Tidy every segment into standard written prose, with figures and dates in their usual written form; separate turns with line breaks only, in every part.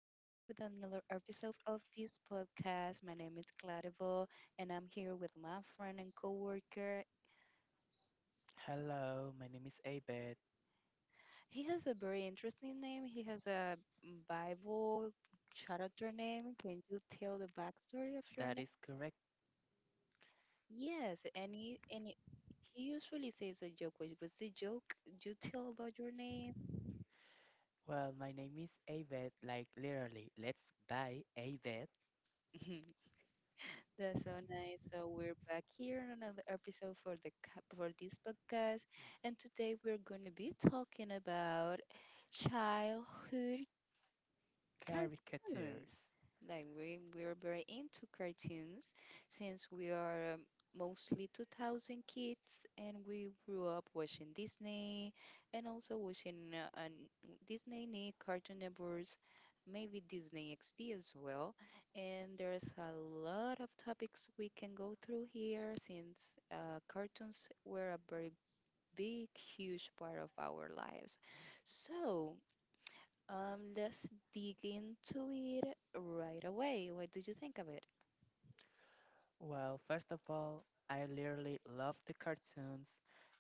here with another episode of this podcast. My name is Claribel, and I'm here with my friend and coworker.
Hello, my name is Abed.
He has a very interesting name. He has a Bible character name. Can you tell the backstory of your name?
That is correct.
Yes, and he he usually says a joke. What's the joke you tell about your name?
Well, my name is Abed, like literally, let's buy Abed
That's so nice. So we're back here on another episode for the for this podcast, and today we're gonna be talking about childhood
caricatures.
cartoons. Like we're very into cartoons since we are mostly 2000 kids and we grew up watching Disney and also watching Disney, Nick, Cartoon Networks, maybe Disney XD as well. And there's a lot of topics we can go through here since cartoons were a very big, huge part of our lives. So, let's dig into it right away. What did you think of it?
Well, first of all, I literally love the cartoons.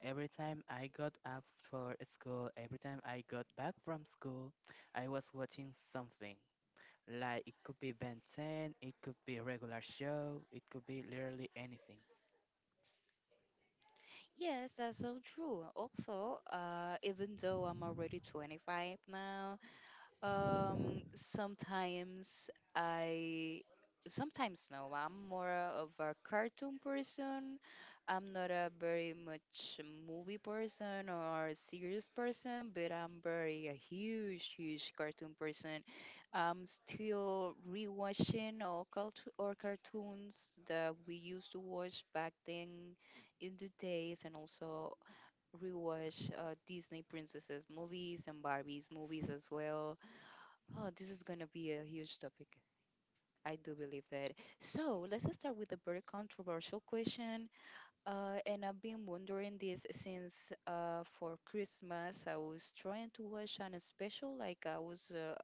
Every time I got up for school, every time I got back from school, I was watching something. Like it could be Ben 10, it could be a regular show, it could be literally anything.
Yes, that's so true. Also, even though I'm already 25 now, sometimes I, sometimes no, I'm more of a cartoon person. I'm not a very much movie person or a serious person, but I'm very a huge, huge cartoon person. I'm still rewatching all cult or cartoons that we used to watch back then in the days, and also rewatch Disney princesses movies and Barbies movies as well. Oh, this is going to be a huge topic. I do believe that. So let's just start with a very controversial question. And I've been wondering this since for Christmas, I was trying to watch an special, like I was, uh,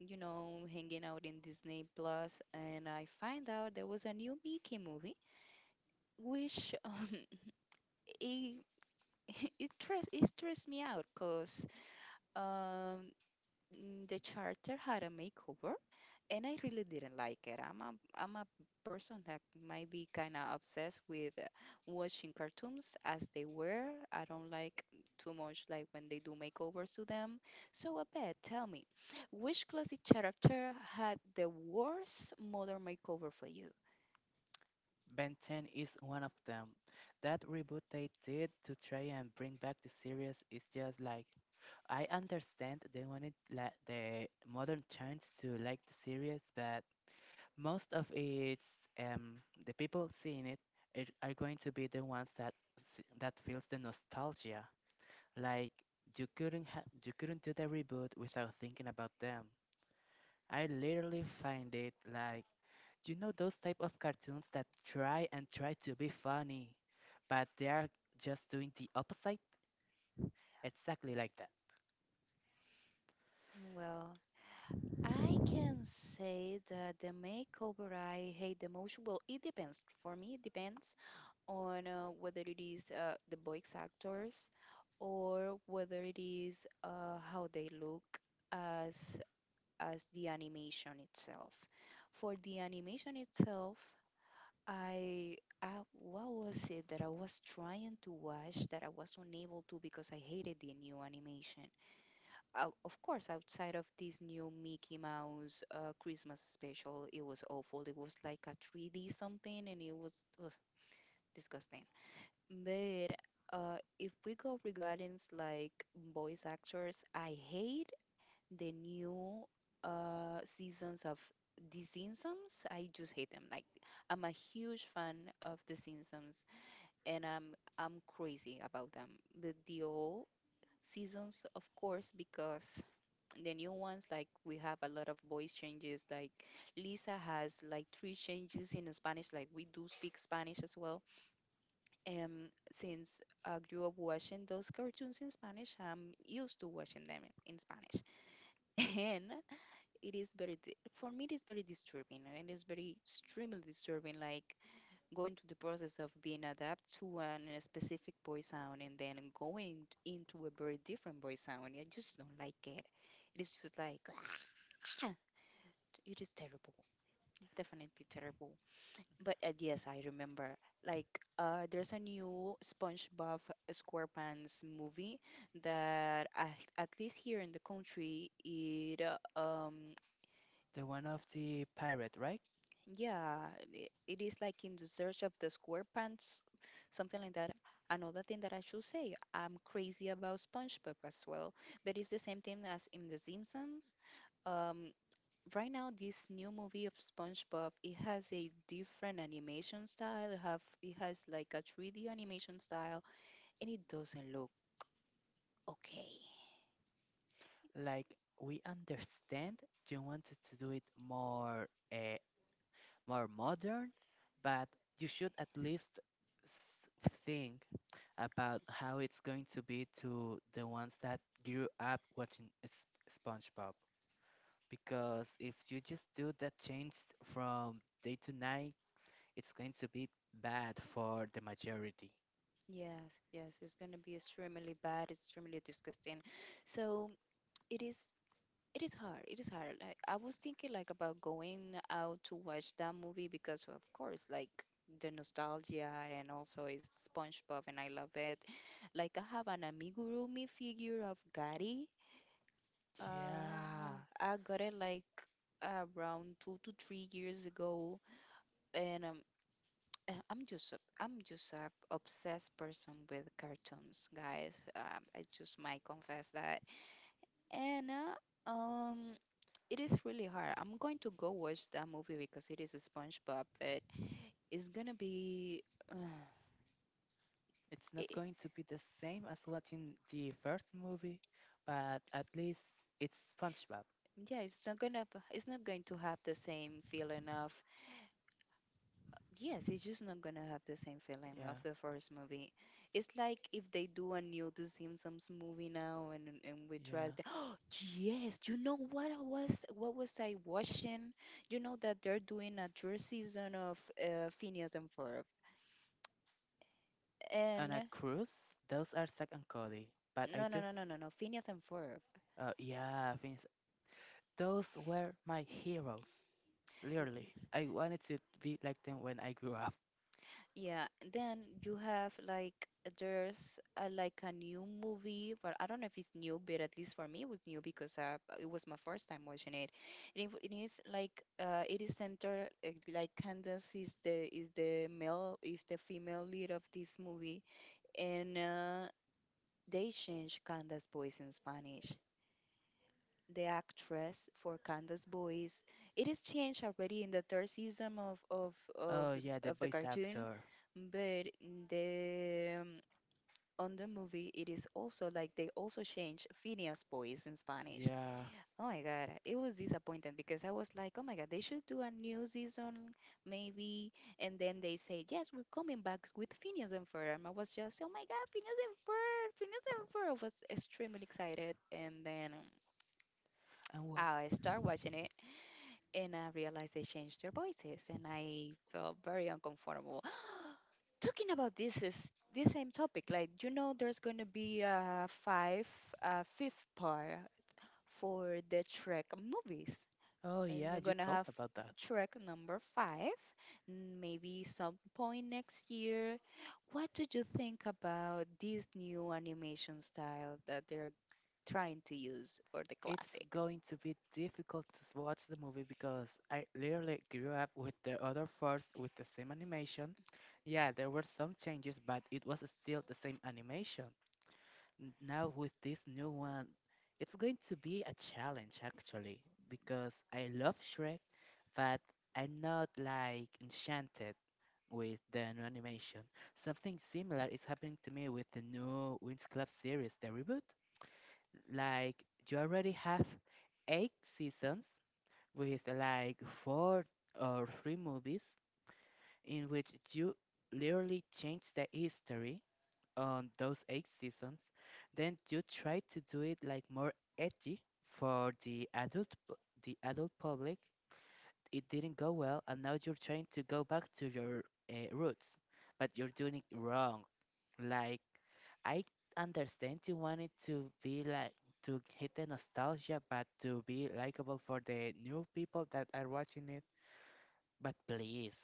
you know, hanging out in Disney Plus, and I find out there was a new Mickey movie, which it it stressed me out, cause um, the charter had a makeover and I really didn't like it. I'm a person that might be kind of obsessed with watching cartoons as they were. I don't like too much like when they do makeovers to them. So I bet Tell me, which classic character had the worst modern makeover for you?
Ben 10 is one of them. That reboot they did to try and bring back the series is just like, I understand they wanted like the modern chance to like the series, but most of its the people seeing it, it are going to be the ones that that feels the nostalgia. Like you couldn't ha- you couldn't do the reboot without thinking about them. I literally find it like, you know those type of cartoons that try and try to be funny, but they are just doing the opposite? Exactly like that.
Well, I can say that the makeover I hate the most, well, it depends. For me, it depends on whether it is the voice actors or whether it is how they look as as the animation itself. For the animation itself, I, I what was it that I was trying to watch that I was unable to because I hated the new animation. Of course, outside of this new Mickey Mouse Christmas special, it was awful. It was like a 3D something, and it was ugh, disgusting. But if we go regarding like voice actors, I hate the new seasons of The Simpsons. I just hate them. Like I'm a huge fan of The Simpsons, and I'm crazy about them. But the old seasons, of course, because the new ones like we have a lot of voice changes. Like Lisa has like three changes in Spanish. Like we do speak Spanish as well since I grew up watching those cartoons in Spanish, I'm used to watching them in Spanish. And it is for me, it is very disturbing. And it is very extremely disturbing, like going through the process of being adapted to a specific voice sound and then going into a very different voice sound. I just don't like it. It is just like, it is terrible, definitely terrible. But yes, I remember. Like, there's a new SpongeBob SquarePants movie that at least here in the country, it
The one of the pirate, right?
yeah, it is like in the search of the SquarePants, something like that. Another thing that I should say, I'm crazy about SpongeBob as well, but it's the same thing as in The Simpsons. Um. Right now this new movie of SpongeBob, it has a different animation style. It has like a 3D animation style, and it doesn't look okay.
Like we understand you wanted to do it more uh, more modern, but you should at least think about how it's going to be to the ones that grew up watching SpongeBob. Because if you just do that change from day to night, it's going to be bad for the majority.
Yes, yes, it's gonna be extremely bad, extremely disgusting. So it is it is hard. It is hard. Like I was thinking like about going out to watch that movie because of course like the nostalgia and also it's SpongeBob and I love it. Like I have an amigurumi figure of Gary. Uh,
Yeah.
I got it like around 2 to 3 years ago, and I'm just a obsessed person with cartoons, guys. I just might confess that, and it is really hard. I'm going to go watch that movie because it is a SpongeBob, but it's gonna be, uh,
It's not
it,
going to be the same as what in the first movie, but at least it's SpongeBob.
yeah, it's not gonna, it's not going to have the same feeling of. Yes, it's just not gonna have the same feeling of
Yeah.
the first movie. It's like if they do a new The Simpsons movie now, and we try
Yeah.
to. Oh yes, you know what was I watching? You know that they're doing a third season of Phineas and Ferb,
And
and
a cruise, those are Zack and Cody, but I
no no
do.
no no no no Phineas and Ferb.
Yeah, things. Those were my heroes. Literally, I wanted to be like them when I grew up.
Yeah, and then you have like there's like a new movie, but I don't know if it's new, but at least for me it was new because it was my first time watching it. And it is like it is centered like Candace is the male is the female lead of this movie, and they change Candace's voice in Spanish the actress for Candace Boys. It is changed already in the third season
Oh yeah, the
of the
voice
cartoon,
actor.
but in the on the movie it is also like they also changed Phineas Boys in Spanish.
Yeah.
Oh my god, it was disappointing because I was like, oh my god, they should do a new season maybe, and then they say yes, we're coming back with Phineas and Ferb. And I was just, oh my god, Phineas and Ferb, Phineas and Ferb. I was extremely excited, and then.
And wha—
I start watching it and I realized they changed their voices, and I felt very uncomfortable. Talking about this same topic. Like you know, there's gonna be a fifth part for the Trek movies.
Oh
We're
yeah, you
gonna
talk
have
about that.
Trek number five, maybe some point next year. What do you think about this new animation style that they're trying to use for the
It's
classic?
going to be difficult to watch the movie because I literally grew up with the other first with the same animation. Yeah, there were some changes, but it was still the same animation. Now with this new one, it's going to be a challenge actually because I love Shrek, but I'm not like enchanted with the new animation. Something similar is happening to me with the new Winx Club series, the reboot. Like you already have eight seasons with like four or three movies in which you literally change the history on those eight seasons. Then you try to do it like more edgy for the the adult public. It didn't go well, and now you're trying to go back to your roots, but you're doing it wrong. Like, I understand you wanted to be like, to hit the nostalgia, but to be likable for the new people that are watching it. But please,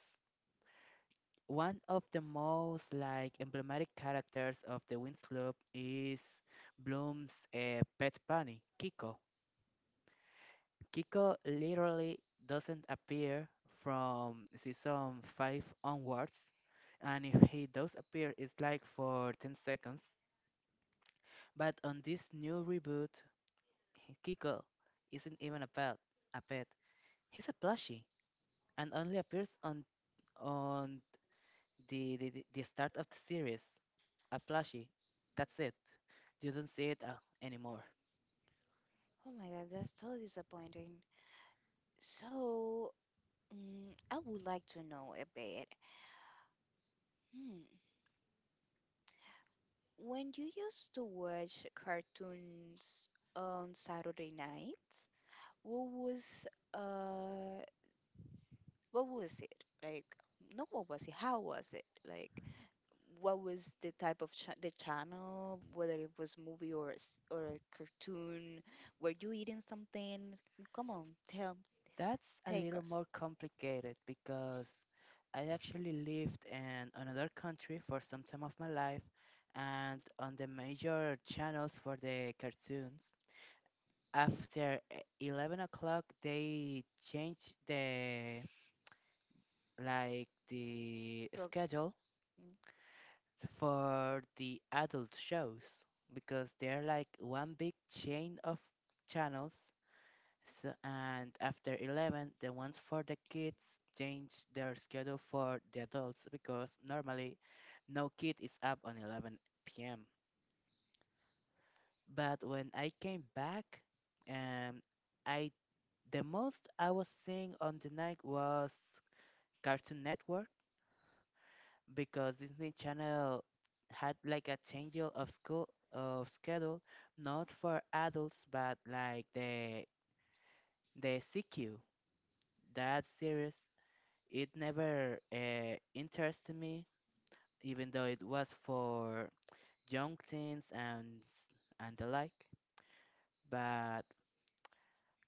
one of the most like emblematic characters of the Winx Club is Bloom's pet bunny, Kiko. Kiko literally doesn't appear from season 5 onwards, and if he does appear, it's like for 10 seconds. But on this new reboot, Kiko isn't even a pet. A pet. He's a plushie and only appears on on the start of the series. A plushie. That's it. You don't see it anymore.
Oh my God, that's so disappointing. So, I would like to know a bit. Hmm. When you used to watch cartoons on Saturday nights, what was uh what was it? Like, no, what was it? How was it? Like, what was the type of cha the channel, whether it was movie or or a cartoon? Were you eating something? Come on, tell,
That's a
take
little
us.
more complicated because I actually lived in another country for some time of my life and on the major channels for the cartoons. After 11 o'clock, they changed the like the schedule
Mm.
for the adult shows because they're like one big chain of channels. So, and after 11, the ones for the kids change their schedule for the adults because normally no kid is up on 11 p.m. But when I came back, um, I the most I was seeing on the night was Cartoon Network, because Disney Channel had like a change of school of schedule, not for adults but like the CQ, that series. It never interested me, even though it was for young teens and the like. But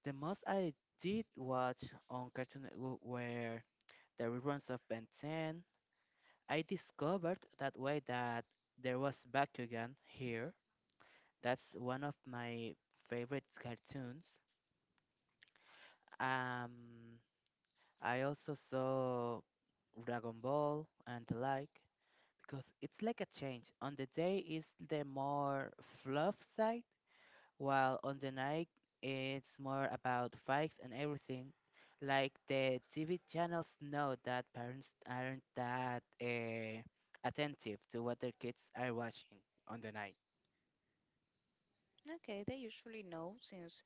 the most I did watch on Cartoon Network were the reruns of Ben 10. I discovered that way that there was Bakugan here. That's one of my favorite cartoons. Um, I also saw Dragon Ball and the like, because it's like a change. On the day, it's the more fluff side, while on the night, it's more about fights and everything. Like the TV channels know that parents aren't that attentive to what their kids are watching on the night.
Okay, they usually know since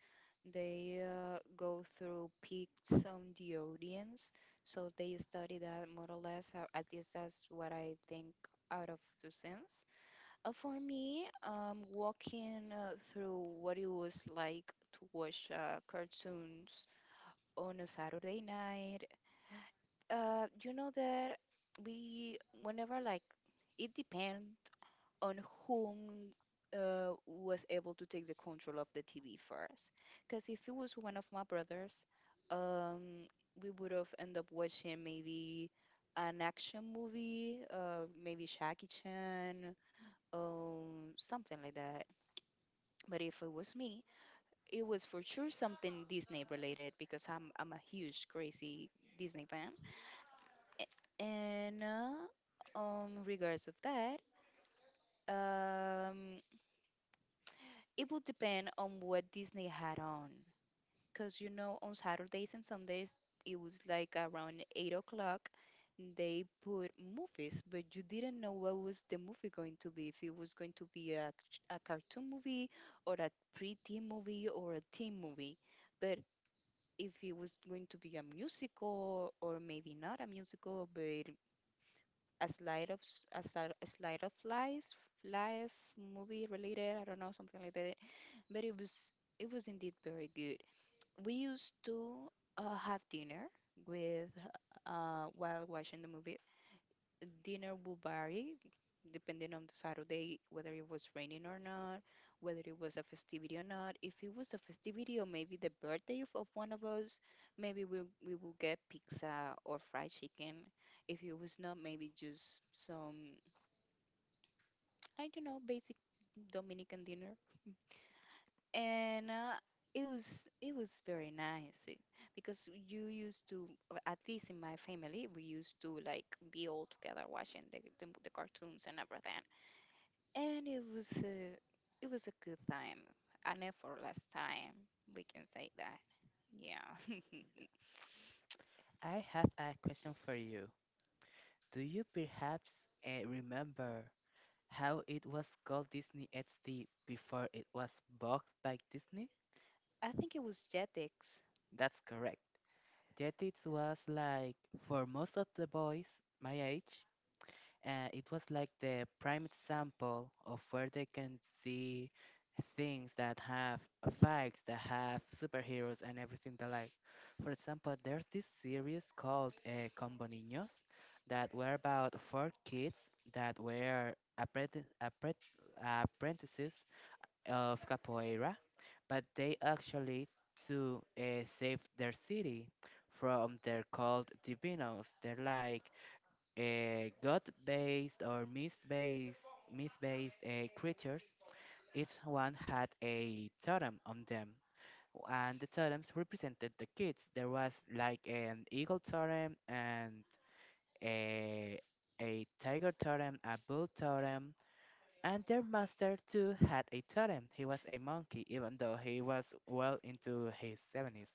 they go through peaks on the audience, so they study that more or less. At least that's what I think out of two cents. For me, walking through what it was like to watch cartoons on a Saturday night, you know that we, whenever like, it depends on whom was able to take the control of the TV first. Because if it was one of my brothers, um, we would have ended up watching maybe an action movie, maybe Jackie Chan, something like that. But if it was me, it was for sure something Disney related because I'm a huge crazy Disney fan. And regards of that, um, it would depend on what Disney had on. Because, you know, on Saturdays and Sundays, it was like around 8 o'clock, they put movies, but you didn't know what was the movie going to be. If it was going to be a cartoon movie or a pre-teen movie or a teen movie. But if it was going to be a musical or maybe not a musical, but a slide of life, life movie related, I don't know, something like that but it was indeed very good. We used to have dinner with while watching the movie. Dinner would vary depending on the Saturday, whether it was raining or not, whether it was a festivity or not. If it was a festivity or maybe the birthday of one of us, maybe we will get pizza or fried chicken. If it was not, maybe just some I don't know basic Dominican dinner. And It was very nice, because you used to at least in my family we used to like be all together watching the cartoons and everything, and it was a good time, an effortless time, we can say that. Yeah.
I have a question for you. Do you perhaps remember how it was called Disney XD before it was bought by Disney?
I think it was Jetix.
That's correct. Yet it was like, for most of the boys my age, it was like the prime example of where they can see things that have effects, that have superheroes and everything the like. For example, there's this series called Combo Niños that were about four kids that were apprenti- appre- apprentices of capoeira, but they actually to save their city from their called divinos. They're like god-based or myth-based creatures. Each one had a totem on them, and the totems represented the kids. There was like an eagle totem and a a tiger totem, a bull totem, and their master too had a totem. He was a monkey, even though he was well into his 70s.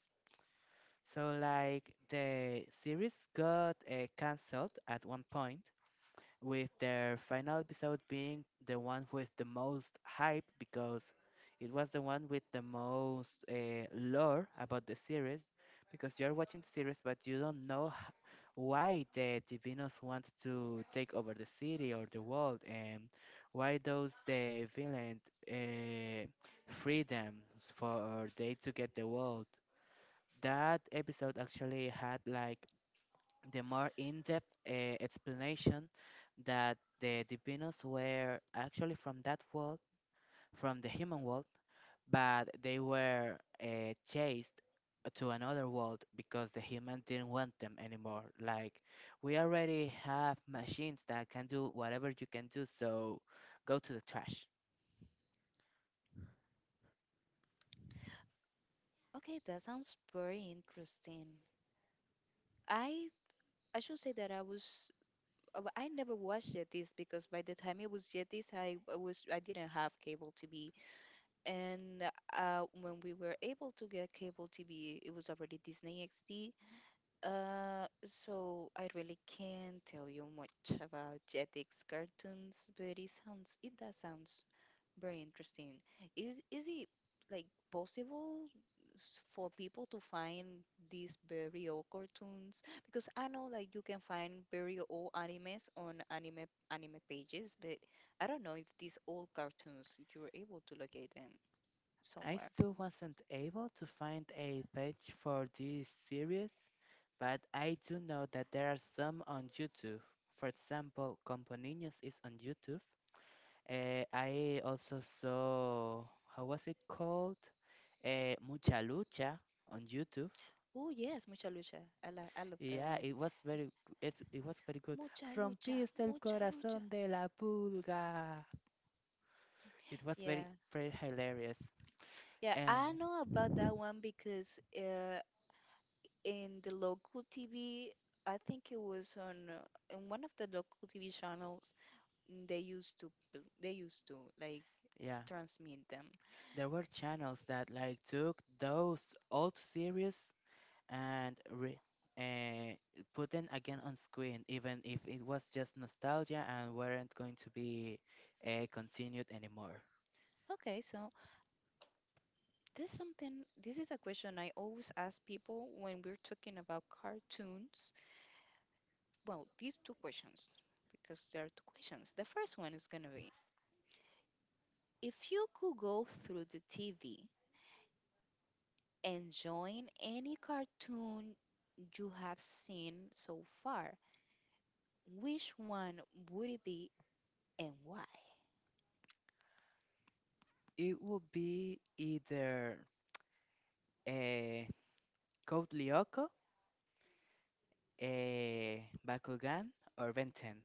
So, like, the series got cancelled at one point, with their final episode being the one with the most hype because it was the one with the most lore about the series, because you're watching the series but you don't know why the divinos want to take over the city or the world and why those the villains uh, free them for they to get the world. That episode actually had like the more in-depth explanation that the Divinos were actually from that world, from the human world, but they were chased to another world because the human didn't want them anymore. Like, we already have machines that can do whatever you can do, so go to the trash.
Okay, that sounds very interesting. I i should say that I was but I never watched Yetis because by the time it was Yetis, I didn't have cable TV, and when we were able to get cable TV, it was already Disney XD. So I really can't tell you much about Jetix cartoons, but it does sounds very interesting. Is it, like, possible? For people to find these Berio cartoons, because I know, like, you can find very old animes on anime pages, but I don't know if these old cartoons you're able to locate them
I
somewhere.
still wasn't able to find a page for this series, but I do know that there are some on YouTube. For example, Companions is on YouTube. Eh, I also saw, how was it called? Eh, Mucha Lucha on YouTube.
Oh yes, Mucha Lucha. I love that
Yeah,
one.
it was very, it was very good.
Mucha Lucha.
Rompiste el
Mucha Lucha.
corazón de la pulga. It was very,
Yeah.
very hilarious.
Yeah,
And
I know about that one because in the local TV, I think it was on in one of the local TV channels. They used to they used to like
yeah.
transmit them.
There were channels that like took those old series and re uh, put them again on screen, even if it was just nostalgia and weren't going to be continued anymore.
Okay, so this is a question I always ask people when we're talking about cartoons. Well, these two questions, because there are two questions. The first one is going to be: if you could go through the TV and join any cartoon you have seen so far, which one would it be and why?
It would be either a Code Lyoko, a Bakugan, or Ben 10.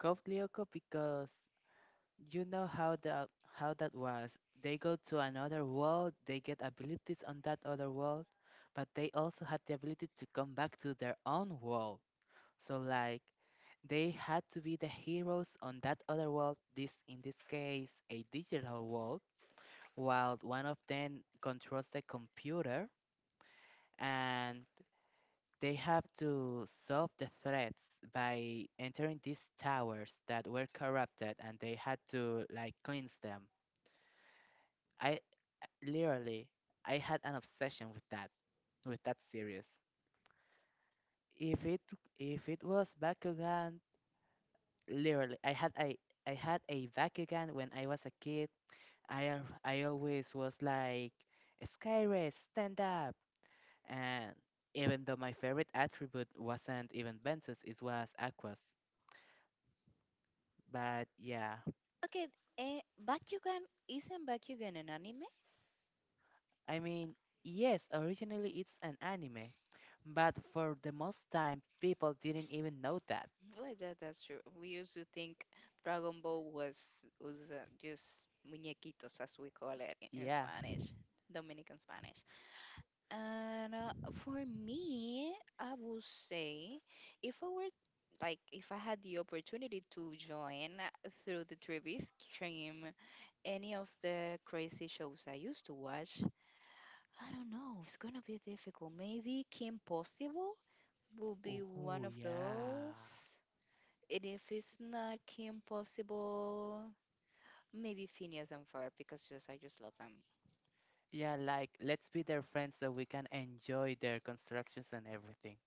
Code Lyoko because you know how that was. They go to another world, they get abilities on that other world, but they also had the ability to come back to their own world. So like they had to be the heroes on that other world, this in this case a digital world, while one of them controls the computer and they have to solve the threats by entering these towers that were corrupted and they had to like cleanse them. I literally— I had an obsession with that, series. If it, if it was Bakugan, literally I had a Bakugan when I was a kid. I always was like, Skyrace, stand up. And even though my favorite attribute wasn't even Ventus, it was Aquas. But yeah,
Okay, Bakugan isn't Bakugan an anime?
I mean, yes, originally it's an anime, but for the most time, people didn't even know that.
Well, that's true. We used to think Dragon Ball was just muñequitos, as we call it in
Yeah.
Spanish, Dominican Spanish. And for me, I would say, if I were if I had the opportunity to join through the TV stream any of the crazy shows I used to watch. I don't know, it's gonna be difficult. Maybe Kim Possible will be one
Ooh,
of those.
yeah.
And if it's not Kim Possible, maybe Phineas and Ferb because just I just love them.
Yeah, like let's be their friends so we can enjoy their constructions and everything.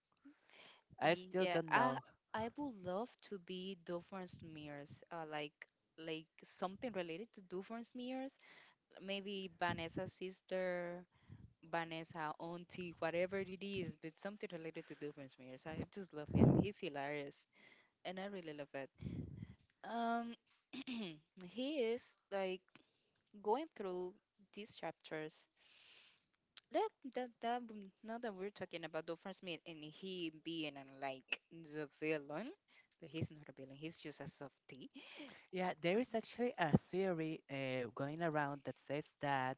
I still
Yeah,
don't
I
know.
I would love to be Doofenshmirtz, like something related to Doofenshmirtz. Maybe Vanessa's sister, Vanessa auntie, whatever it is, but something related to Doofenshmirtz. I just love him. He's hilarious, and I really love it. Um, he is, like, going through these chapters, let that the now that we're talking about Dolphin Smith and he being like the villain, but he's not a villain. He's just a softie.
Yeah, there is actually a theory going around that says that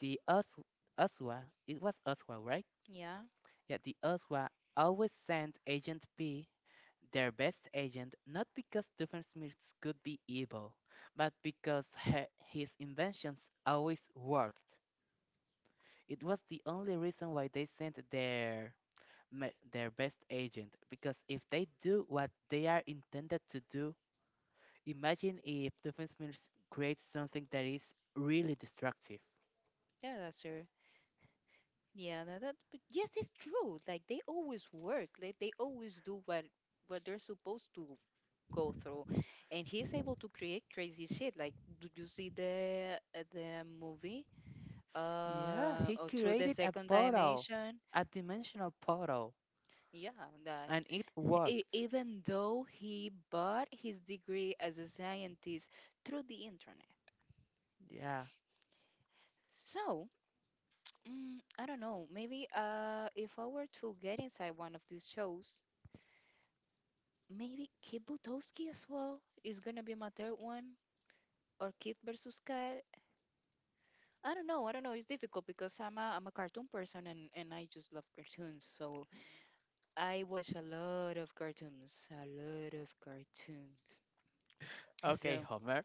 the Oswa, it was Oswa, right?
Yeah,
Yeah, the Oswa always sent Agent P, their best agent, not because Doofenshmirtz could be evil, but because his inventions always worked. It was the only reason why they sent their their best agent because if they do what they are intended to do, imagine if defense minister creates something that is really destructive.
yeah, that's true. Yeah, that, that but yes, it's true. Like they always work. Like they always do what they're supposed to go through, and he's able to create crazy shit. Like, did you see the movie?
Yeah,
Uh,
he
or through the
created a
second
portal,
dimension.
a dimensional portal,
Yeah, that.
and it worked.
Even though he bought his degree as a scientist through the internet.
Yeah.
So, I don't know, maybe if I were to get inside one of these shows, maybe Kid Butowski as well is gonna be my third one, or Kid versus Kat. I don't know, it's difficult because I'm a cartoon person, and I just love cartoons. So, I watch a lot of cartoons, a lot of cartoons.
Okay,
So,
Homer.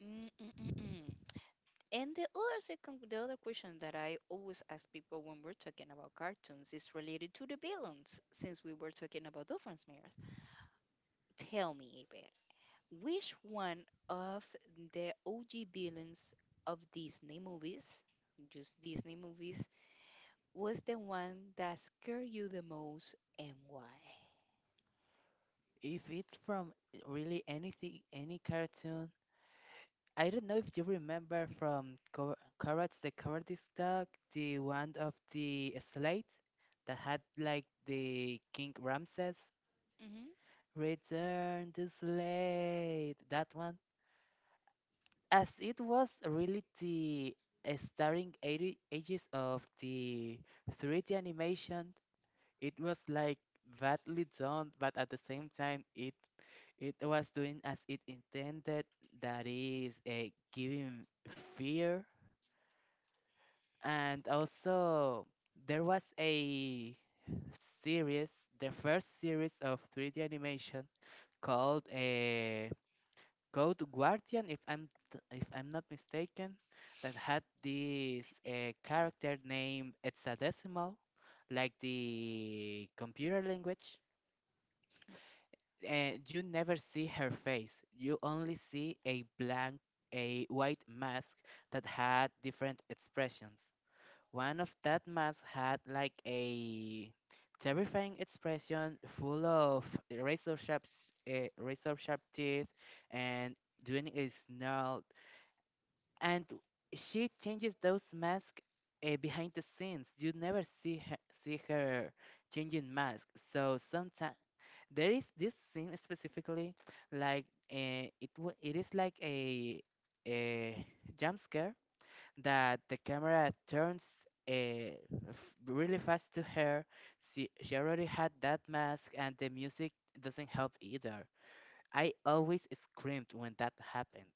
mm mm mm mm. And the other question that I always ask people when we're talking about cartoons is related to the villains, since we were talking about Doofenshmirtz. Tell me, Iber, which one of the OG villains of Disney movies, just Disney movies, was the one that scared you the most and why?
If it's from eh, really anything, any cartoon, I don't know if you remember from Courage the Cowardice Dog, the one of the slate that had like the King Ramses.
Hmm.
Return to Slade. That one, as it was really the starring 80 ages of the 3D animation, it was like badly done, but at the same time, it was doing as it intended. That is, giving fear, and also there was a series, the first series of 3D animation called go to Guardian if if I'm not mistaken, that had this character named hexadecimal, like the computer language. And you never see her face. You only see a blank, a white mask that had different expressions. One of that mask had like a terrifying expression, full of razor sharp teeth, and doing a snarl and she changes those masks behind the scenes. You never see her, see her changing masks. So sometimes there is this scene specifically, like it is like a jump scare that the camera turns really fast to her. She already had that mask, and the music doesn't help either. I always screamed when that happened.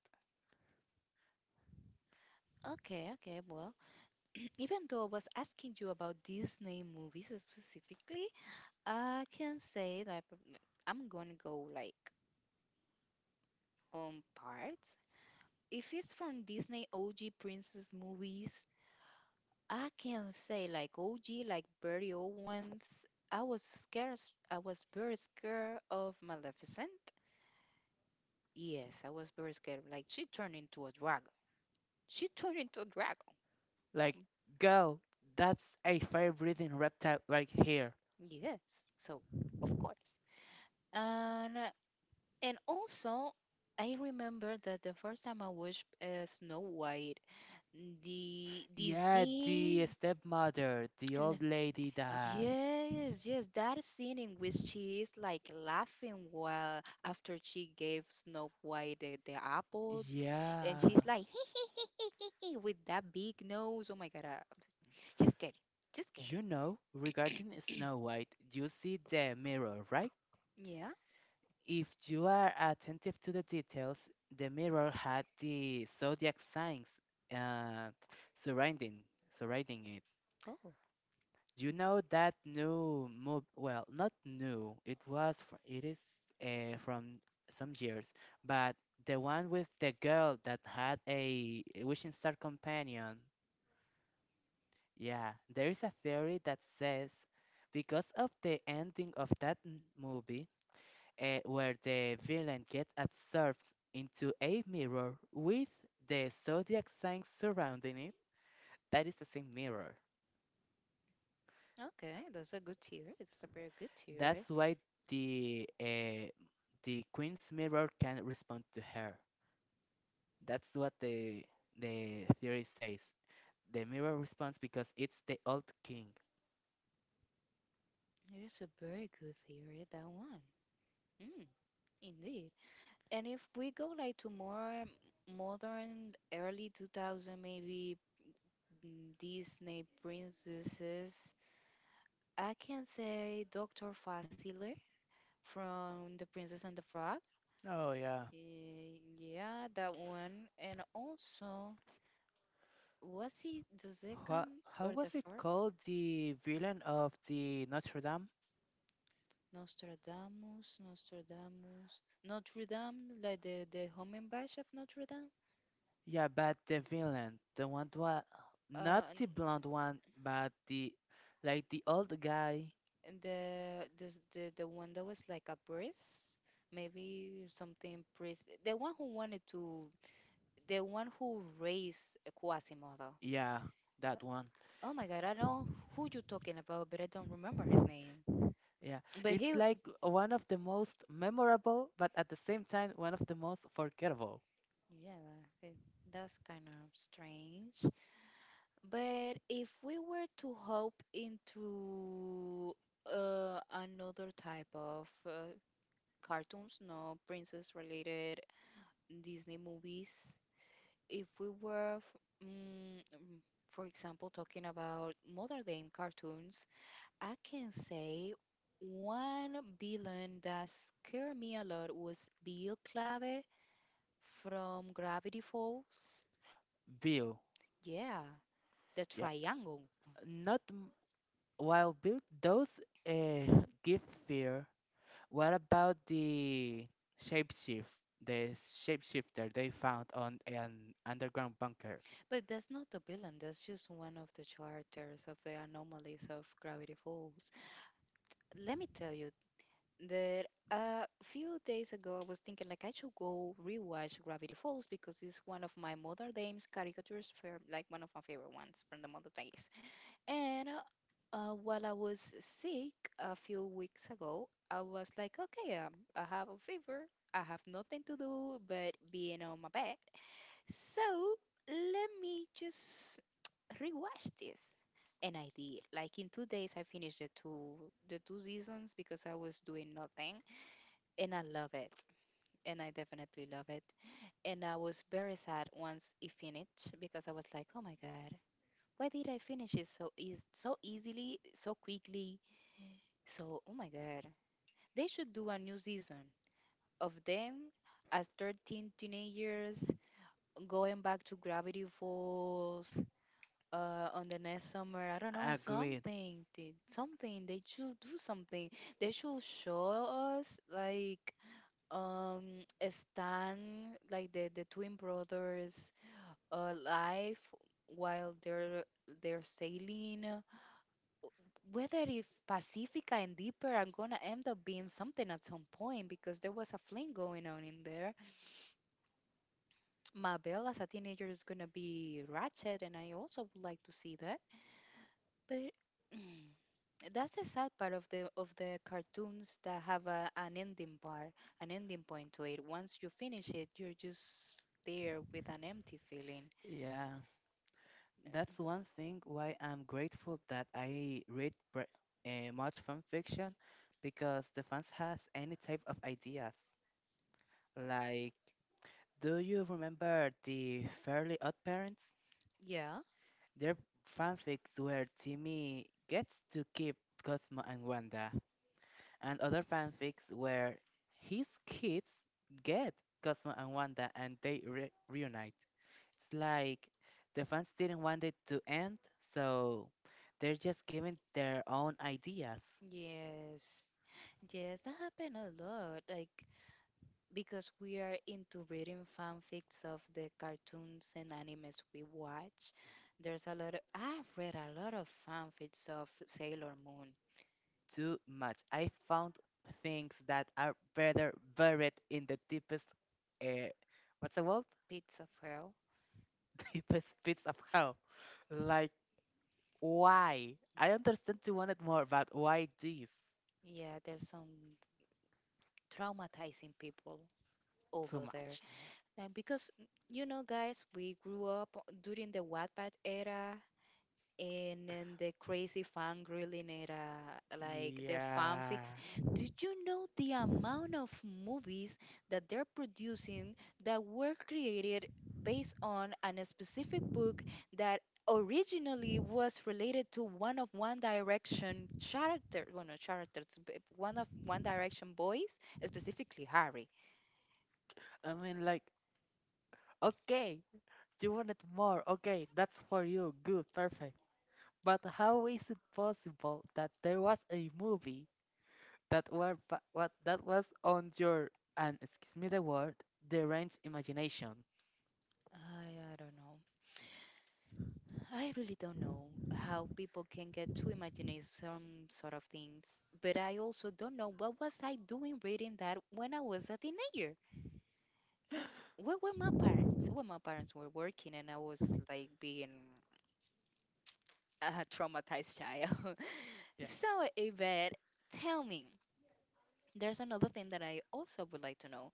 Okay, okay. Well, even though I was asking you about Disney movies specifically, I can say, like, I'm gonna go, like, on parts. If it's from Disney OG princess movies, I can say, like, OG, like, very old ones. I was scared. I was very scared of Maleficent. Yes, I was very scared. Like she turned into a dragon. She turned into a dragon.
Like,
Mm,
girl, that's a fire breathing reptile right here.
yes. So, of course. And uh, and also, I remember that the first time I watched Snow White the
Yeah, the
disease.
stepmother, the
And
old lady that.
yes, yes, that scene in which she is, like, laughing while after she gave Snow White the apple, and she's
Yeah.
like with that big nose. Oh my God, just kidding, just kidding.
You know, regarding Snow White, you see the mirror, right?
Yeah.
If you are attentive to the details, the mirror had the zodiac signs uh, surrounding surrounding it.
Oh,
You know that new move? Well, not new. It is from some years, but the one with the girl that had a wishing star companion. Yeah, there is a theory that says because of the ending of that movie where the villain gets absorbed into a mirror with the zodiac sign surrounding it. That is the same mirror.
okay. That's a good theory. It's a very good
That's
theory.
why the uh, the queen's mirror can respond to her. That's what the theory says. The mirror responds because it's the old king.
It is a very good theory, that one. Mm, indeed. And if we go, like, to more modern, early 2000, maybe Disney princesses, I can say Dr. Facile from The Princess and the Frog.
Oh yeah.
Yeah, that one. And also, was he the
What?
second
How
or the
was it
first?
called? The villain of the Notre Dame?
Nostradamus, Nostradamus, Notre Dame, like the Homembash of Notre Dame.
Yeah, but the villain, the one what,
Uh,
not
and
the blonde one, but the like the old guy.
and the one that was like a priest, maybe something priest. The one who raised Quasimodo.
Yeah, that one.
Oh my God, I know who you're talking about, but I don't remember his name.
Yeah,
But
it's
he,
like one of the most memorable, but at the same time one of the most forgettable.
yeah, that's kind of strange. But if we were to hop into another type of cartoons, no princess related Disney movies, if we were, f- mm, mm, for example, talking about modern day cartoons, I can say one villain that scared me a lot was Bill Clave from Gravity Falls.
Bill.
Yeah, the
Yeah,
triangle.
not m- while Bill does uh, give fear. What about the shapeshift, the shapeshifter they found on an underground bunker?
But that's not the villain, that's just one of the characters of the anomalies of Gravity Falls. Let me tell you that a few days ago I was thinking, like, I should go rewatch Gravity Falls because it's one of my Mother Dame's caricatures, for like one of my favorite ones from the Mother Days. And While I was sick a few weeks ago, I was like, okay, I have a fever. I have nothing to do but being on my bed. So let me just rewatched this, and I did. Like in 2 days, I finished the two seasons, because I was doing nothing, and I love it, and I definitely love it. And I was very sad once it finished because I was like, oh my God. Why did I finish it so easily, so quickly? So, oh my God, they should do a new season of them as 13 teenagers going back to Gravity Falls on the next summer. I don't know
Agreed.
something. They should do something. They should show us, like, um Stan, like the twin brothers, life while they're sailing. Whether if Pacifica and Deeper are gonna end up being something at some point, because there was a fling going on in there. Mabel as a teenager is gonna be Ratchet, and I also would like to see that. But that's the sad part of the cartoons that have an ending bar, an ending point to it. Once you finish it, you're just there with an empty feeling.
Yeah, that's one thing why I'm grateful that I read much fan fiction because the fans has any type of ideas. Like, do you remember the Fairly Odd Parents?
Yeah.
Their fanfics where Timmy gets to keep Cosmo and Wanda, and other fanfics where his kids get Cosmo and Wanda and they reunite. It's like the fans didn't want it to end, so they're just giving their own ideas
Yes, yes, that happened a lot. Like, because we are into reading fanfics of the cartoons and animes we watch. There's a lot of I've read a lot of fanfics of Sailor Moon.
too much. I found things that are better buried in the deepest, uh, what's the word?
Pizza.
Deepest pits of hell. Like, why? I understand you wanted more, but why this?
Yeah, there's some traumatizing people
Too
over there.
much.
And because, you know, guys, we grew up during the Wattpad era, and then the crazy fan grilling it, like the
Yeah.
fanfics. Did you know the amount of movies that they're producing that were created based on a specific book that originally was related to one of One Direction character, well, not characters, but one of One Direction boys, specifically Harry?
I mean, like, okay, you wanted more. Okay, that's for you. Good, perfect. But how is it possible that there was a movie that were pa- what that was on your, and excuse me the word, deranged imagination?
I don't know. I really don't know how people can get to imagining some sort of things, but I also don't know what was I doing reading that when I was a teenager. Where were my parents? When my parents were working and I was, like, being a traumatized child.
Yeah,
So, Yvette, tell me, there's another thing that I also would like to know.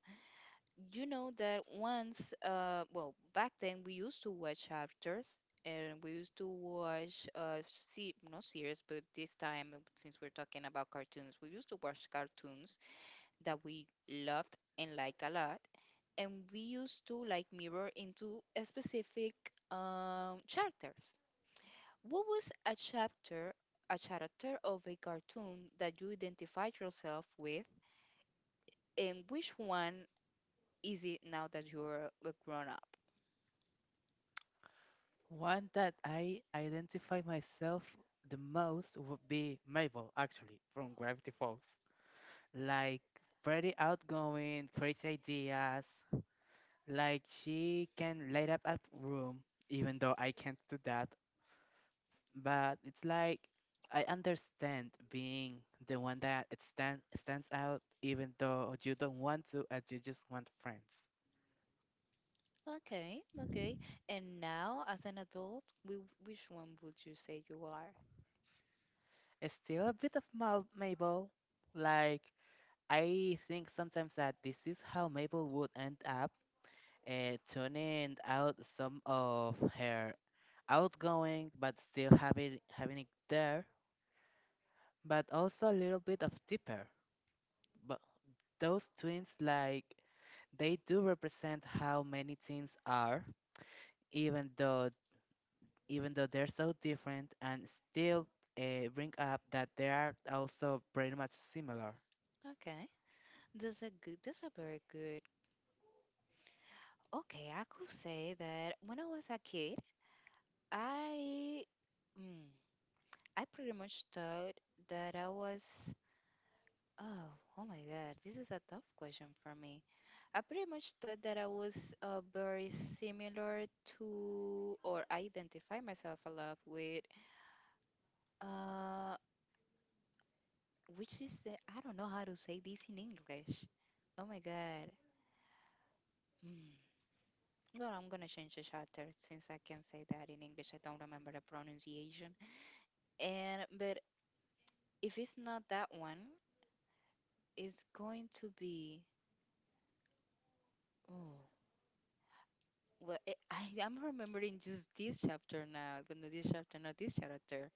You know that once, well, back then we used to watch chapters and we used to watch, see, not series, but this time, since we're talking about cartoons, we used to watch cartoons that we loved and liked a lot. And we used to, like, mirror into a specific chapters. What was a chapter, a character of a cartoon that you identified yourself with, and which one is it now that you're a grown up?
one that I identify myself the most would be Mabel, actually, from Gravity Falls. Like, pretty outgoing, crazy ideas. Like she can light up a room even though I can't do that, but it's like I understand being the one that stands out even though you don't want to and you just want friends.
Okay, okay. And now, as an adult, which one would you say you are?
It's still a bit of Mabel. Like, I think sometimes that this is how Mabel would end up turning out some of her outgoing but still having it there, but also a little bit of deeper. But those twins, like, they do represent how many teens are even though even though they're so different and still bring up that they are also pretty much similar.
Okay, that's a good. That's a very good. Okay, I could say that when I was a kid, I, mm, I pretty much thought that I was. Oh, oh my God, this is a tough question for me. I pretty much thought that I was very similar to, or I identify myself a lot with. Uh, Which is I don't know how to say this in English. Oh my God. Mm. Well, I'm gonna change the chapter since I can say that in English. I don't remember the pronunciation. And but if it's not that one, it's going to be. Oh, I'm remembering just this chapter now, but not this chapter, not this chapter.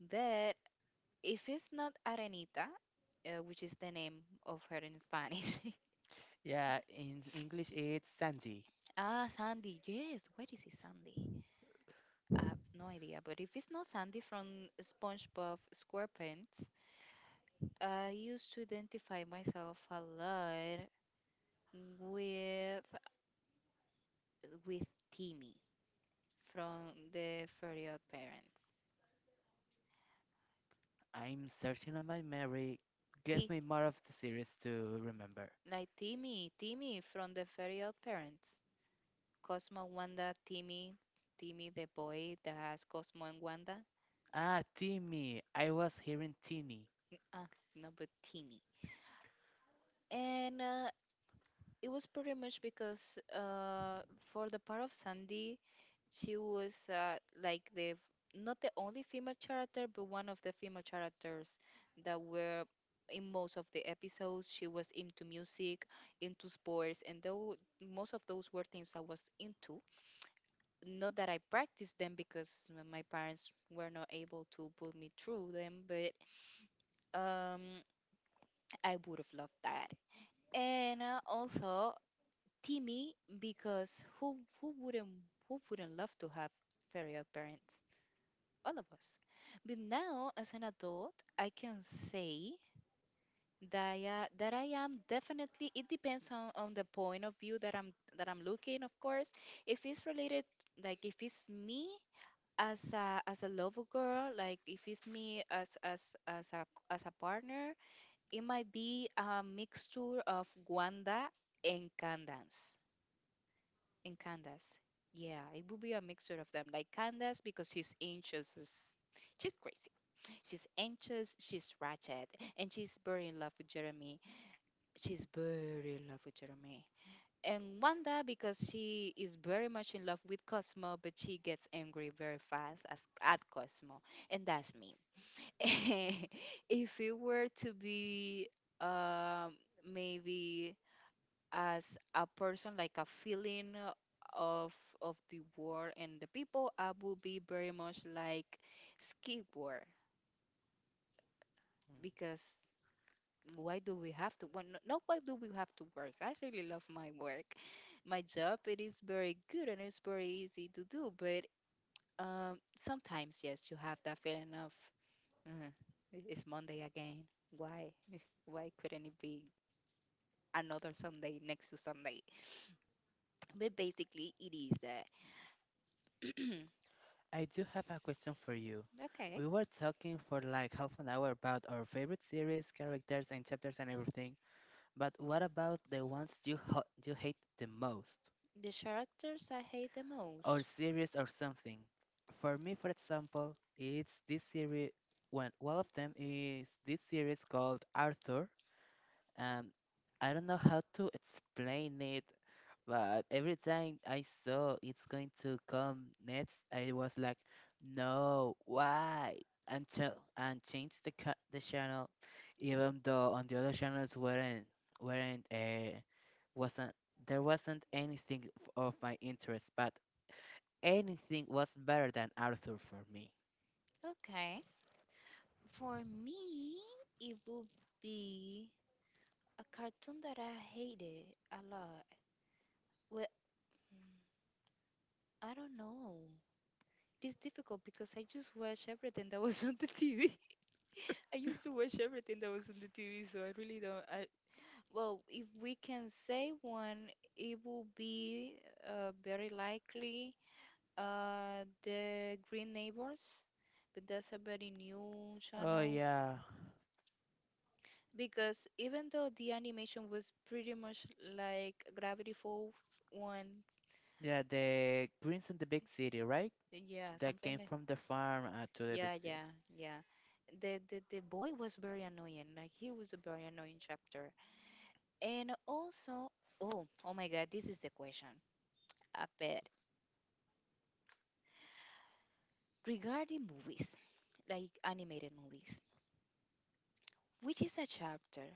But if it's not Arenita, which is the name of her in Spanish.
Yeah, in English it's Sandy.
ah, Sandy. Yes. Where is it, Sandy? I have no idea, but if it's not Sandy from SpongeBob SquarePants, I used to identify myself a lot with with Timmy from the Fairy Odd Parents.
I'm searching on my memory. Give
T,
me more of the series to remember.
like Timmy, Timmy from the Fairy Odd Parents. Cosmo, Wanda, Timmy, Timmy, the boy that has Cosmo and Wanda.
Ah, Timmy. I was hearing Teeny.
Ah, no, but Timmy. And It was pretty much because for the part of Sandy, she was like not the only female character, but one of the female characters that were in most of the episodes. She was into music, into sports, and though most of those were things I was into. Not that I practiced them because my parents were not able to put me through them, but um, I would have loved that. And Also, Timmy, because who wouldn't love to have fairy parents? All of us. But now, as an adult, I can say that that I am definitely. It depends on the point of view that I'm looking. Of course, if it's related, like if it's me as a lover girl, like if it's me as a as a partner, it might be a mixture of Wanda and Candance and Candace. Yeah, it would be a mixture of them. Like Candace because She's crazy. She's anxious. She's ratchet. And she's very in love with Jeremy. She's very in love with Jeremy. And Wanda because she is very much in love with Cosmo, but she gets angry very fast at Cosmo. And that's me. If it were to be um, maybe as a person, like a feeling of of the world and the people, I would be very much like skateboard
Mm.
because why do we have to? Well, not why do we have to work? I really love my work, my job. It is very good and it's very easy to do, but sometimes yes, you have that feeling of "Mm, it's Monday again. Why? Why couldn't it be another Sunday next to Sunday?" But basically, it is that.
I do have a question for you.
Okay.
We were talking for like half an hour about our favorite series, characters, and chapters and everything. But what about the ones you hate the most,
The characters I hate the
or
most.
series or something? For me, for example, it's this series. One of them is this series called Arthur. Um, I don't know how to explain it. But every time I saw it's going to come next, I was like, no, why? Until and changed the channel, even though on the other channels weren't wasn't there wasn't anything of my interest, but anything was better than Arthur for me.
Okay. For me, it would be a cartoon that I hated a lot. Well, mm, I don't know. It's difficult because I just watch everything that was on the TV. I used to watch everything that was on the TV, so I really don't. Well, if we can say one, it will be very likely the Green Neighbors, but that's a very new
Oh
channel.
yeah,
Because even though the animation was pretty much like Gravity Falls one,
yeah, the Prince in the Big City, right?
yeah,
That
something
came
like
from the farm to the big
yeah,
city.
yeah, yeah. The boy was very annoying. Like he was a very annoying chapter. And also, oh, oh my God, this is the question. Regarding movies, like animated movies, which is a chapter,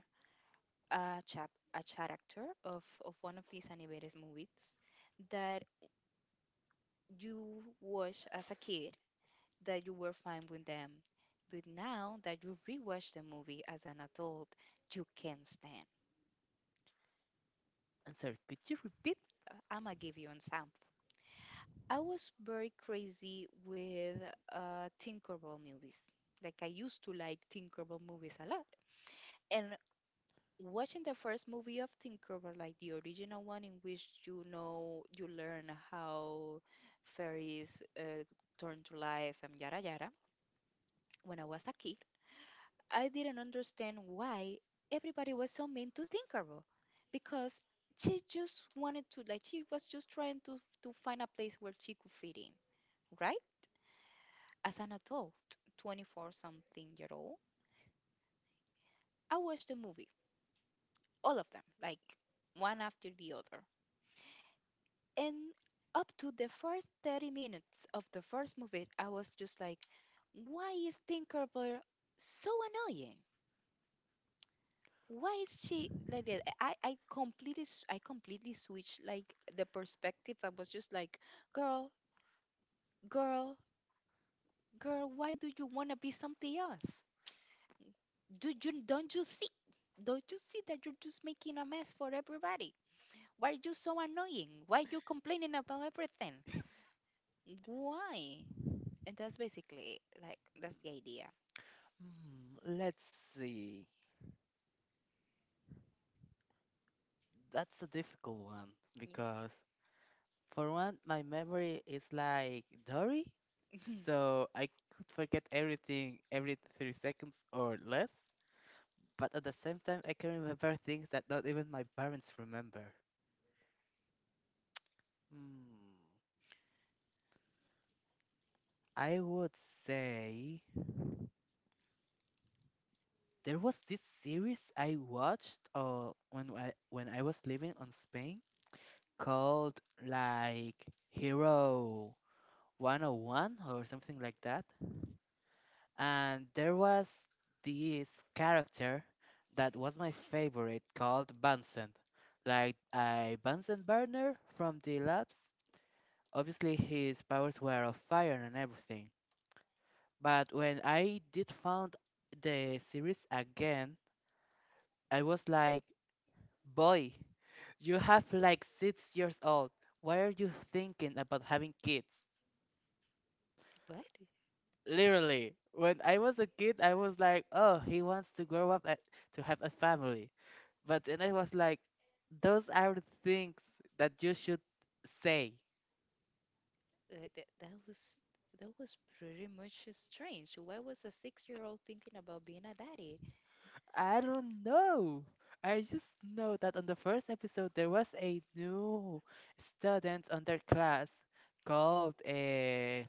a character of one of these animated movies that you watch as a kid that you were fine with them, but now that you rewatch the movie as an adult, you can't stand.
I'm sorry, could you repeat?
I'ma give you an example. I was very crazy with Tinkerbell movies. Like I used to like Tinkerbell movies a lot. And watching the first movie often cover like the original one in which you know you learn how fairies turn to life and yada yada. When I was a kid, I didn't understand why everybody was so mean to Tinkerbell because she just wanted to like she was just trying to find a place where she could fit in, right? As an adult, 24 something year old, I watched the movie, all of them, like one after the other. And up to the first 30 minutes of the first movie, I was just like, why is Tinkerbell so annoying? Why is she like that? I completely switched like the perspective. I was just like, girl, girl, girl, why do you wanna be something else? Do you don't you see? Don't you see that you're just making a mess for everybody? Why are you so annoying? Why are you complaining about everything? Why? And that's basically like that's the idea.
Hmm, let's see. That's a difficult one
Yeah.
because, for one, my memory is like Dory, so I could forget everything every 3 seconds or less. But at the same time, I can remember things that not even my parents remember. Hmm, I would say there was this series I watched when I was living on Spain called like Hero 101 or something like that. And there was this character that was my favorite called Bunsen. Like a Bunsen burner from the labs. Obviously his powers were of fire and everything. But when I did found the series again, I was like, boy, you have like 6 years old. Why are you thinking about having kids?
What?
Literally, when I was a kid, I was like, oh, he wants to grow up a to have a family. But then I was like, those are the things that you should say.
Uh, that, that was that was pretty much strange. Why was a six-year-old thinking about being a daddy?
I don't know. I just know that on the first episode, there was a new student on their class called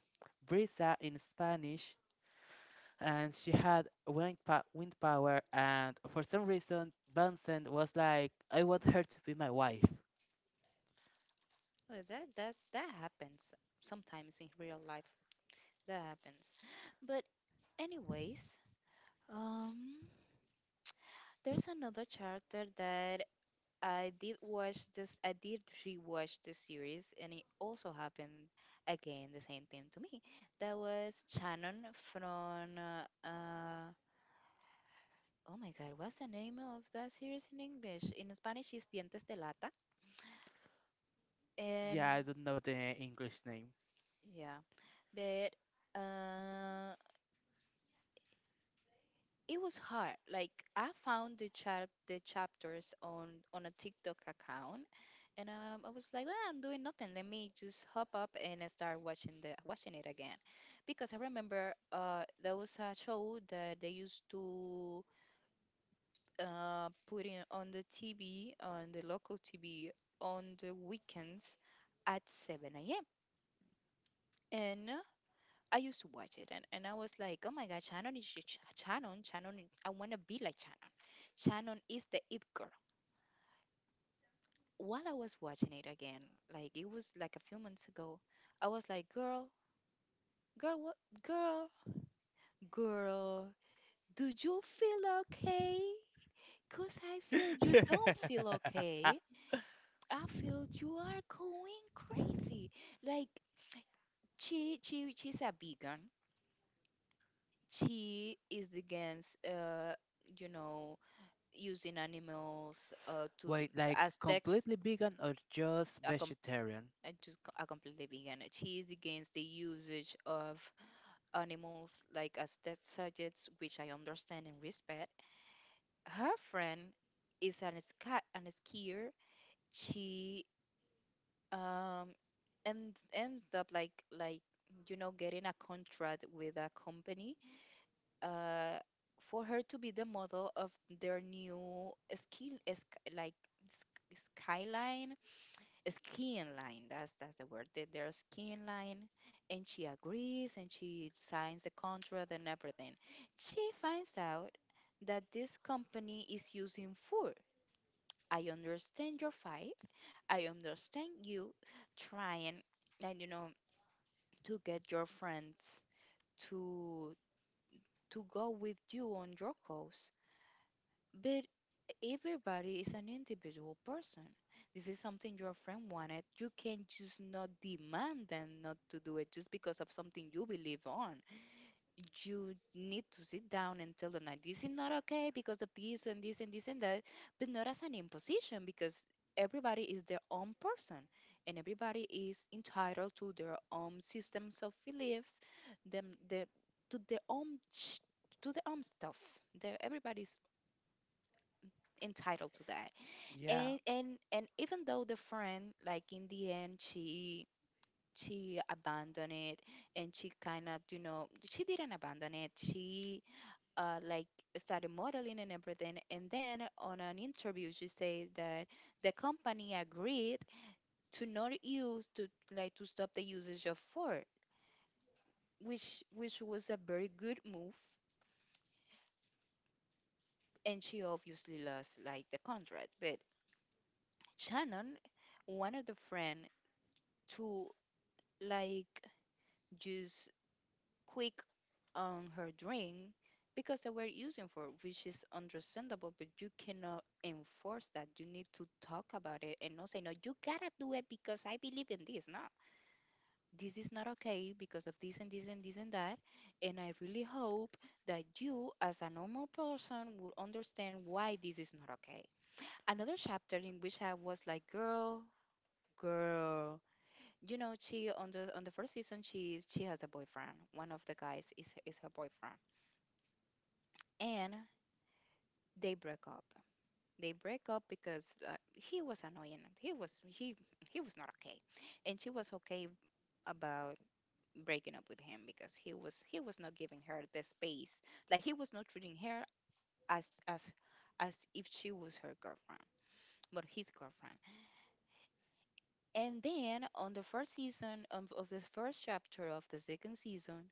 Brisa in Spanish, and she had wind power. And for some reason, Bunsen was like, I want her to be my wife.
That happens sometimes in real life. That happens. But anyways, um, there's another chapter that I did watch this. I did rewatch the series, and it also happened again the same thing to me. That was Shannon from. Oh my God, what's the name of that series in English? In Spanish, it's Dientes de Lata, and
Yeah, I don't know the English name.
yeah, but uh, it was hard. Like I found the chapters on a TikTok account. And I was like, well, I'm doing nothing. Let me just hop up and I start watching the watching it again, because I remember there was a show that they used to put in on the TV, on the local TV, on the weekends at 7 a.m. And I used to watch it, and I was like, oh my God, Shannon is sh- sh- Shannon, Shannon. I want to be like Shannon. Shannon is the it girl. While I was watching it again, like it was like a few months ago, I was like, girl, Girl, what? Girl, girl, do you feel okay? Because I feel you don't feel okay. I feel you are going crazy. Like, she's a vegan. She is against, you know, using animals to
Wait, like
as text.
completely vegan or just
A com-
vegetarian?
a completely vegan. She is against the usage of animals like as test subjects, which I understand and respect. Her friend is an skier. She um ends up like you know getting a contract with a company uh for her to be the model of their new like skyline skiing line, that's the word, that their skiing line, and she agrees and she signs the contract and everything. She finds out that this company is using food. I understand your fight. I understand you trying and you know to get your friends to to go with you on your cause. But everybody is an individual person. This is something your friend wanted. You can just not demand them not to do it just because of something you believe on. You need to sit down and tell them like this is not okay because of this and this and this and that, but not as an imposition because everybody is their own person and everybody is entitled to their own systems of beliefs, them their to their own to their own stuff. They're, everybody's entitled to that.
Yeah,
And even though the friend like in the end she abandoned it and she kind of you know she didn't abandon it she like study modeling and everything. And then on an interview, she said that the company agreed to not use to like to stop the usage of Ford, which was a very good move. And she obviously lost like the contract, but Shannon, one of the friend, to like just quick on her drink because they were using for, which is understandable, but you cannot enforce that. You need to talk about it and not say, no, you gotta do it because I believe in this. No, this is not okay because of this and this and this and that. And I really hope that you, as a normal person, will understand why this is not okay. Another chapter in which I was like, girl, girl. You know, she on the first season, she is she has a boyfriend. One of the guys is her boyfriend, and they break up. They break up because he was annoying. He was not okay, and she was okay about breaking up with him because he was not giving her the space. Like he was not treating her as as if she was her girlfriend, but his girlfriend. And then on the first season of the first chapter of the second season,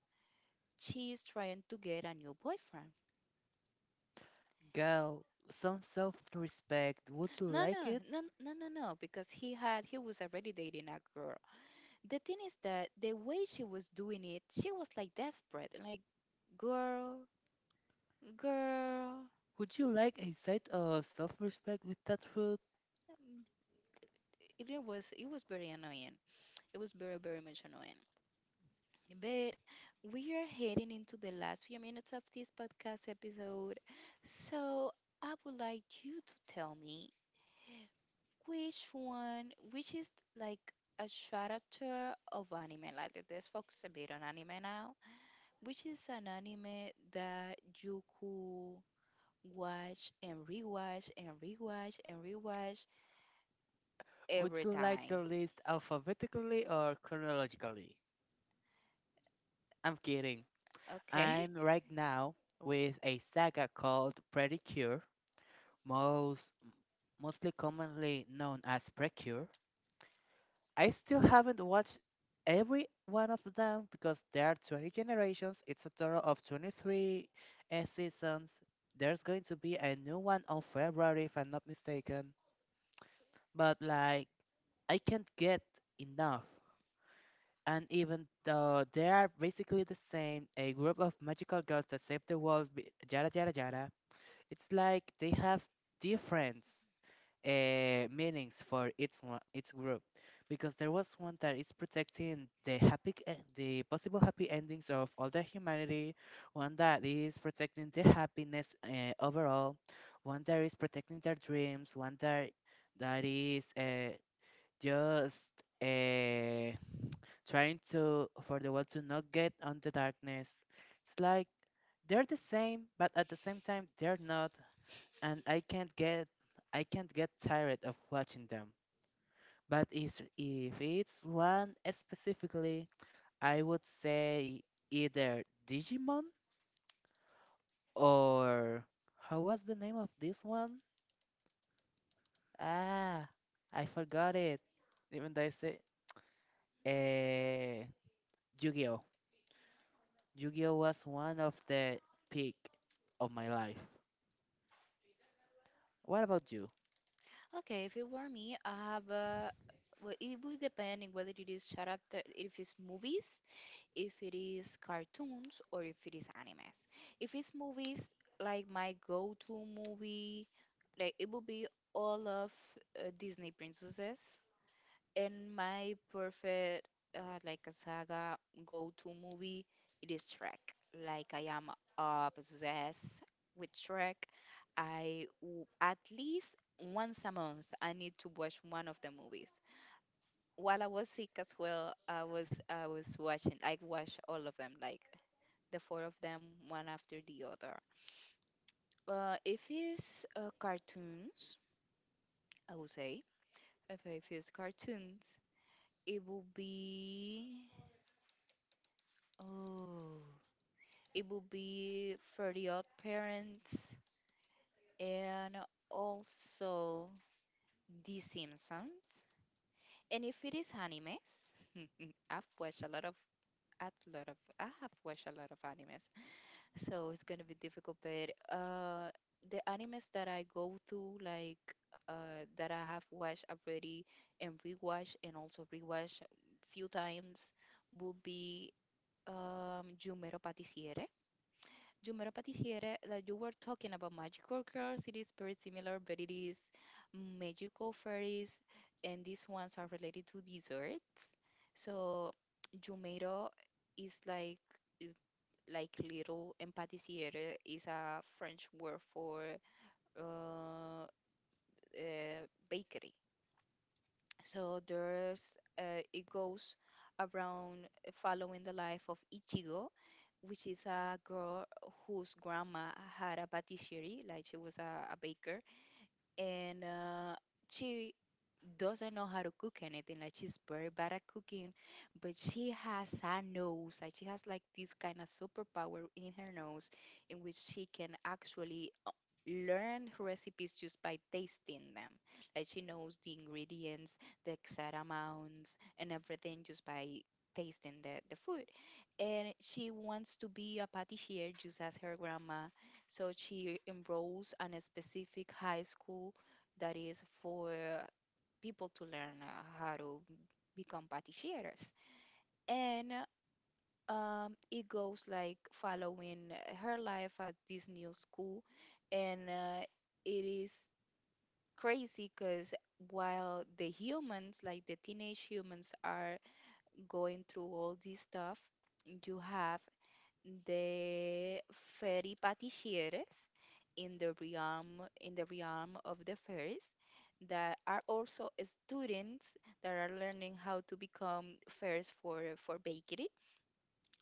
she is trying to get a new boyfriend.
girl, some self-respect. Would you
No,
like
no,
it?
no, no, no, no, no, because he was already dating a girl, the thing is that the way she was doing it, she was like desperate, like girl, girl.
Would you like a side of self-respect with that food?
Um, it was very annoying. It was very much annoying. But we are heading into the last few minutes of this podcast episode, so I would like you to tell me which is like a character of anime. Like let's focus a bit on anime now. Which is an anime that you could watch and rewatch
Would
every
you like the
time.
list alphabetically or chronologically? I'm kidding.
Okay.
I'm right now with a saga called Predicure, most mostly commonly known as Precure. I still haven't watched every one of them because there are 20 generations. It's a total of 23 seasons. There's going to be a new one on February, if I'm not mistaken. But like, I can't get enough. And even though they are basically the same, a group of magical girls that save the world, yada yada yada, it's like they have difference meanings for each one, each group, because there was one that is protecting the happy, the possible happy endings of all the humanity, one that is protecting the happiness overall, one that is protecting their dreams, one that that is just uh, trying to for the world to not get on the darkness. It's like they're the same, but at the same time they're not, and I can't get tired of watching them. But is if it's one specifically, I would say either Digimon or how was the name of this one? Ah, I forgot it. Even though I say eh, Yu-Gi-Oh. Yu-Gi-Oh was one of the peak of my life. What about you?
Okay, if it were me, I have a. Well, it would depend on whether it is character, if it's movies, if it is cartoons, or if it is animes. If it's movies, like my go-to movie, like it would be all of Disney princesses. And my perfect, like a saga go-to movie, it is Shrek. Like I am obsessed with Shrek. At least once a month I need to watch one of the movies. While I was sick as well, I was watching. I watched all of them, like the four of them, one after the other. If it's cartoons, I would say if it's cartoons, it will be. Oh, it would be for the odd parents and also The Simpsons. And if it is animes, I've watched a lot of, I have watched a lot of animes, so it's gonna be difficult. But the animes that I go to, like that I have watched already and rewatched and also rewatched few times, would be Jumero Patissiere. Jumarapati here, that you were talking about magical girls, it is very similar, but it is magical fairies, and these ones are related to desserts. So, Jumero is like little, and patissiere is a French word for uh, bakery. So there's it goes around following the life of Ichigo, which is a girl whose grandma had a patisserie, like she was a baker, and she doesn't know how to cook anything. Like she's very bad at cooking, but she has a nose. Like she has like this kind of superpower in her nose, in which she can actually learn recipes just by tasting them. Like she knows the ingredients, the exact amounts, and everything just by tasting the food. And she wants to be a patissier just as her grandma. So she enrolls in a specific high school that is for people to learn how to become patisseries. And it goes like following her life at this new school. And it is crazy because while the humans, like the teenage humans, are going through all this stuff, you have the fairy patisseries in the realm of the fairies that are also students that are learning how to become fairies for bakery,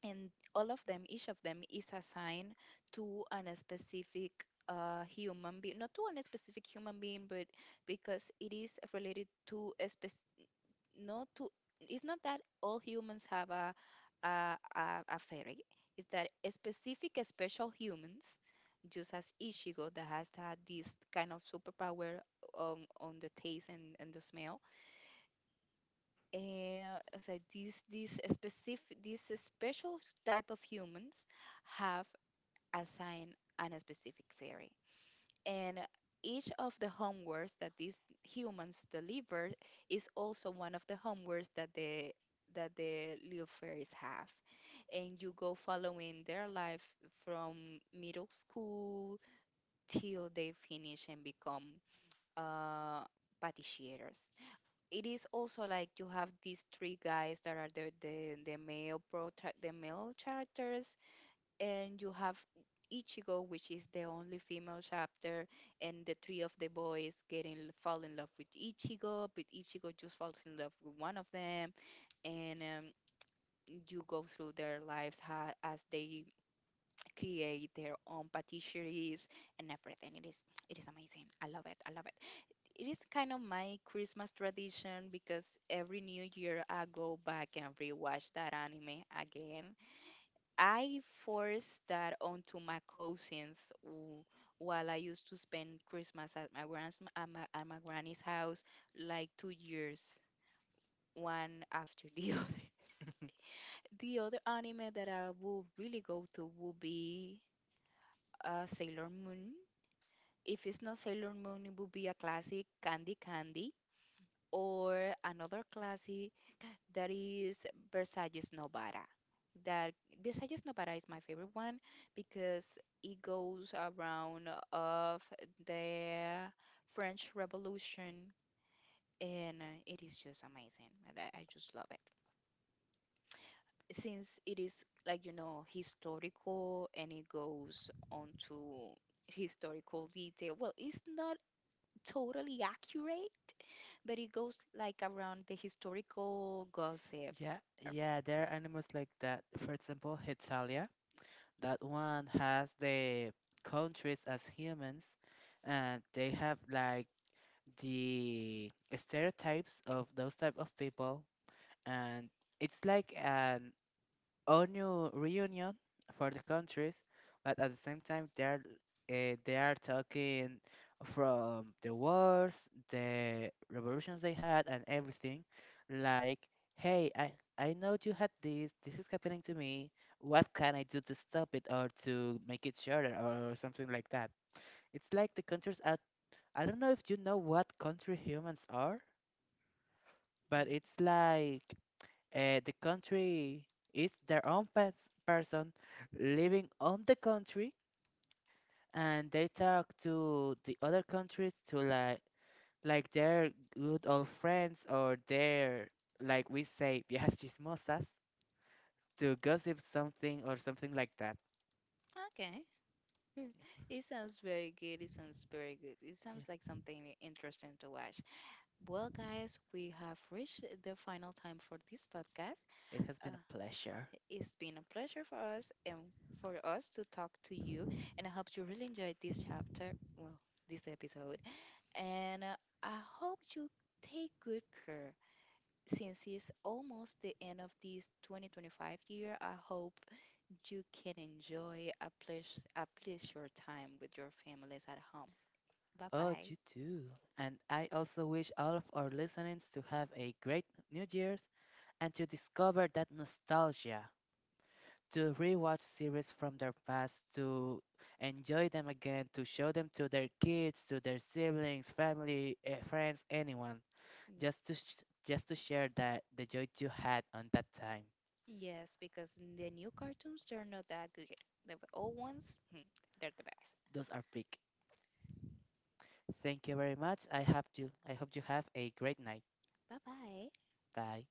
and all of them each of them is assigned to an specific human being not to an specific human being, but because it is related to a specific not to It's not that all humans have a fairy, it's that a special humans, just as Ichigo, that has had this kind of superpower on the taste and the smell. And so these special type of humans have assigned an specific fairy, and each of the homeworks that these humans deliver is also one of the homeworks that the little fairies have. And you go following their life from middle school till they finish and become uh patissiers. It is also like you have these three guys that are the male characters, and you have Ichigo, which is the only female chapter, and the three of the boys getting fall in love with Ichigo, but Ichigo just falls in love with one of them, and you go through their lives as they create their own patisseries and everything. It is amazing. I love it. I love it. It is kind of my Christmas tradition because every New Year I go back and rewatch that anime again. I forced that onto my cousins w- while I used to spend Christmas at my grand's at my granny's house, like 2 years, one after the other. The other anime that I will really go to will be Sailor Moon. If it's not Sailor Moon, it will be a classic Candy Candy, or another classic. That is Versalles Novara. That Versalles Novara is my favorite one because it goes around of the French Revolution, and it is just amazing. And I just love it. Since it is like, you know, historical, and it goes on to historical detail. Well, it's not totally accurate, but it goes like around the historical gossip.
Yeah,
Ar-
yeah, there are animals like that. For example, Hetalia, that one has the countries as humans, and they have like the stereotypes of those type of people, and it's like an all new reunion for the countries, but at the same time they are talking from the wars, the revolutions they had, and everything. Like, hey, I know you had this. This is happening to me. What can I do to stop it or to make it shorter or something like that? It's like the countries are. I don't know if you know what country humans are, but
Mm.
it's like the country is their own person living on the country, and they talk to the other countries to like their good old friends or their, like we say, viejas chismosas, to gossip something or something like that.
Okay. It sounds very good. It sounds very good. It sounds like
Yeah,
something interesting to watch. Well, guys, we have reached the final time for this podcast.
it has been
Uh,
a pleasure.
it's been a pleasure for us, and for us to talk to you. And I hope you really enjoyed this this episode. And I hope you take good care. Since it's almost the end of this 2025 year, I hope you can enjoy a pleasure time with your families at home. Bye
Oh,
bye.
you too. And I also wish all of our listeners to have a great New Year's and to discover that nostalgia, to rewatch series from their past, to enjoy them again, to show them to their kids, to their siblings, family, friends, anyone,
Mm.
just to share that the joy you had on that time.
Yes, because the new cartoons, they're not that good. The old ones, hmm, they're the best.
Those are big. Thank you very much. I hope you have a great night.
Bye bye.
Bye.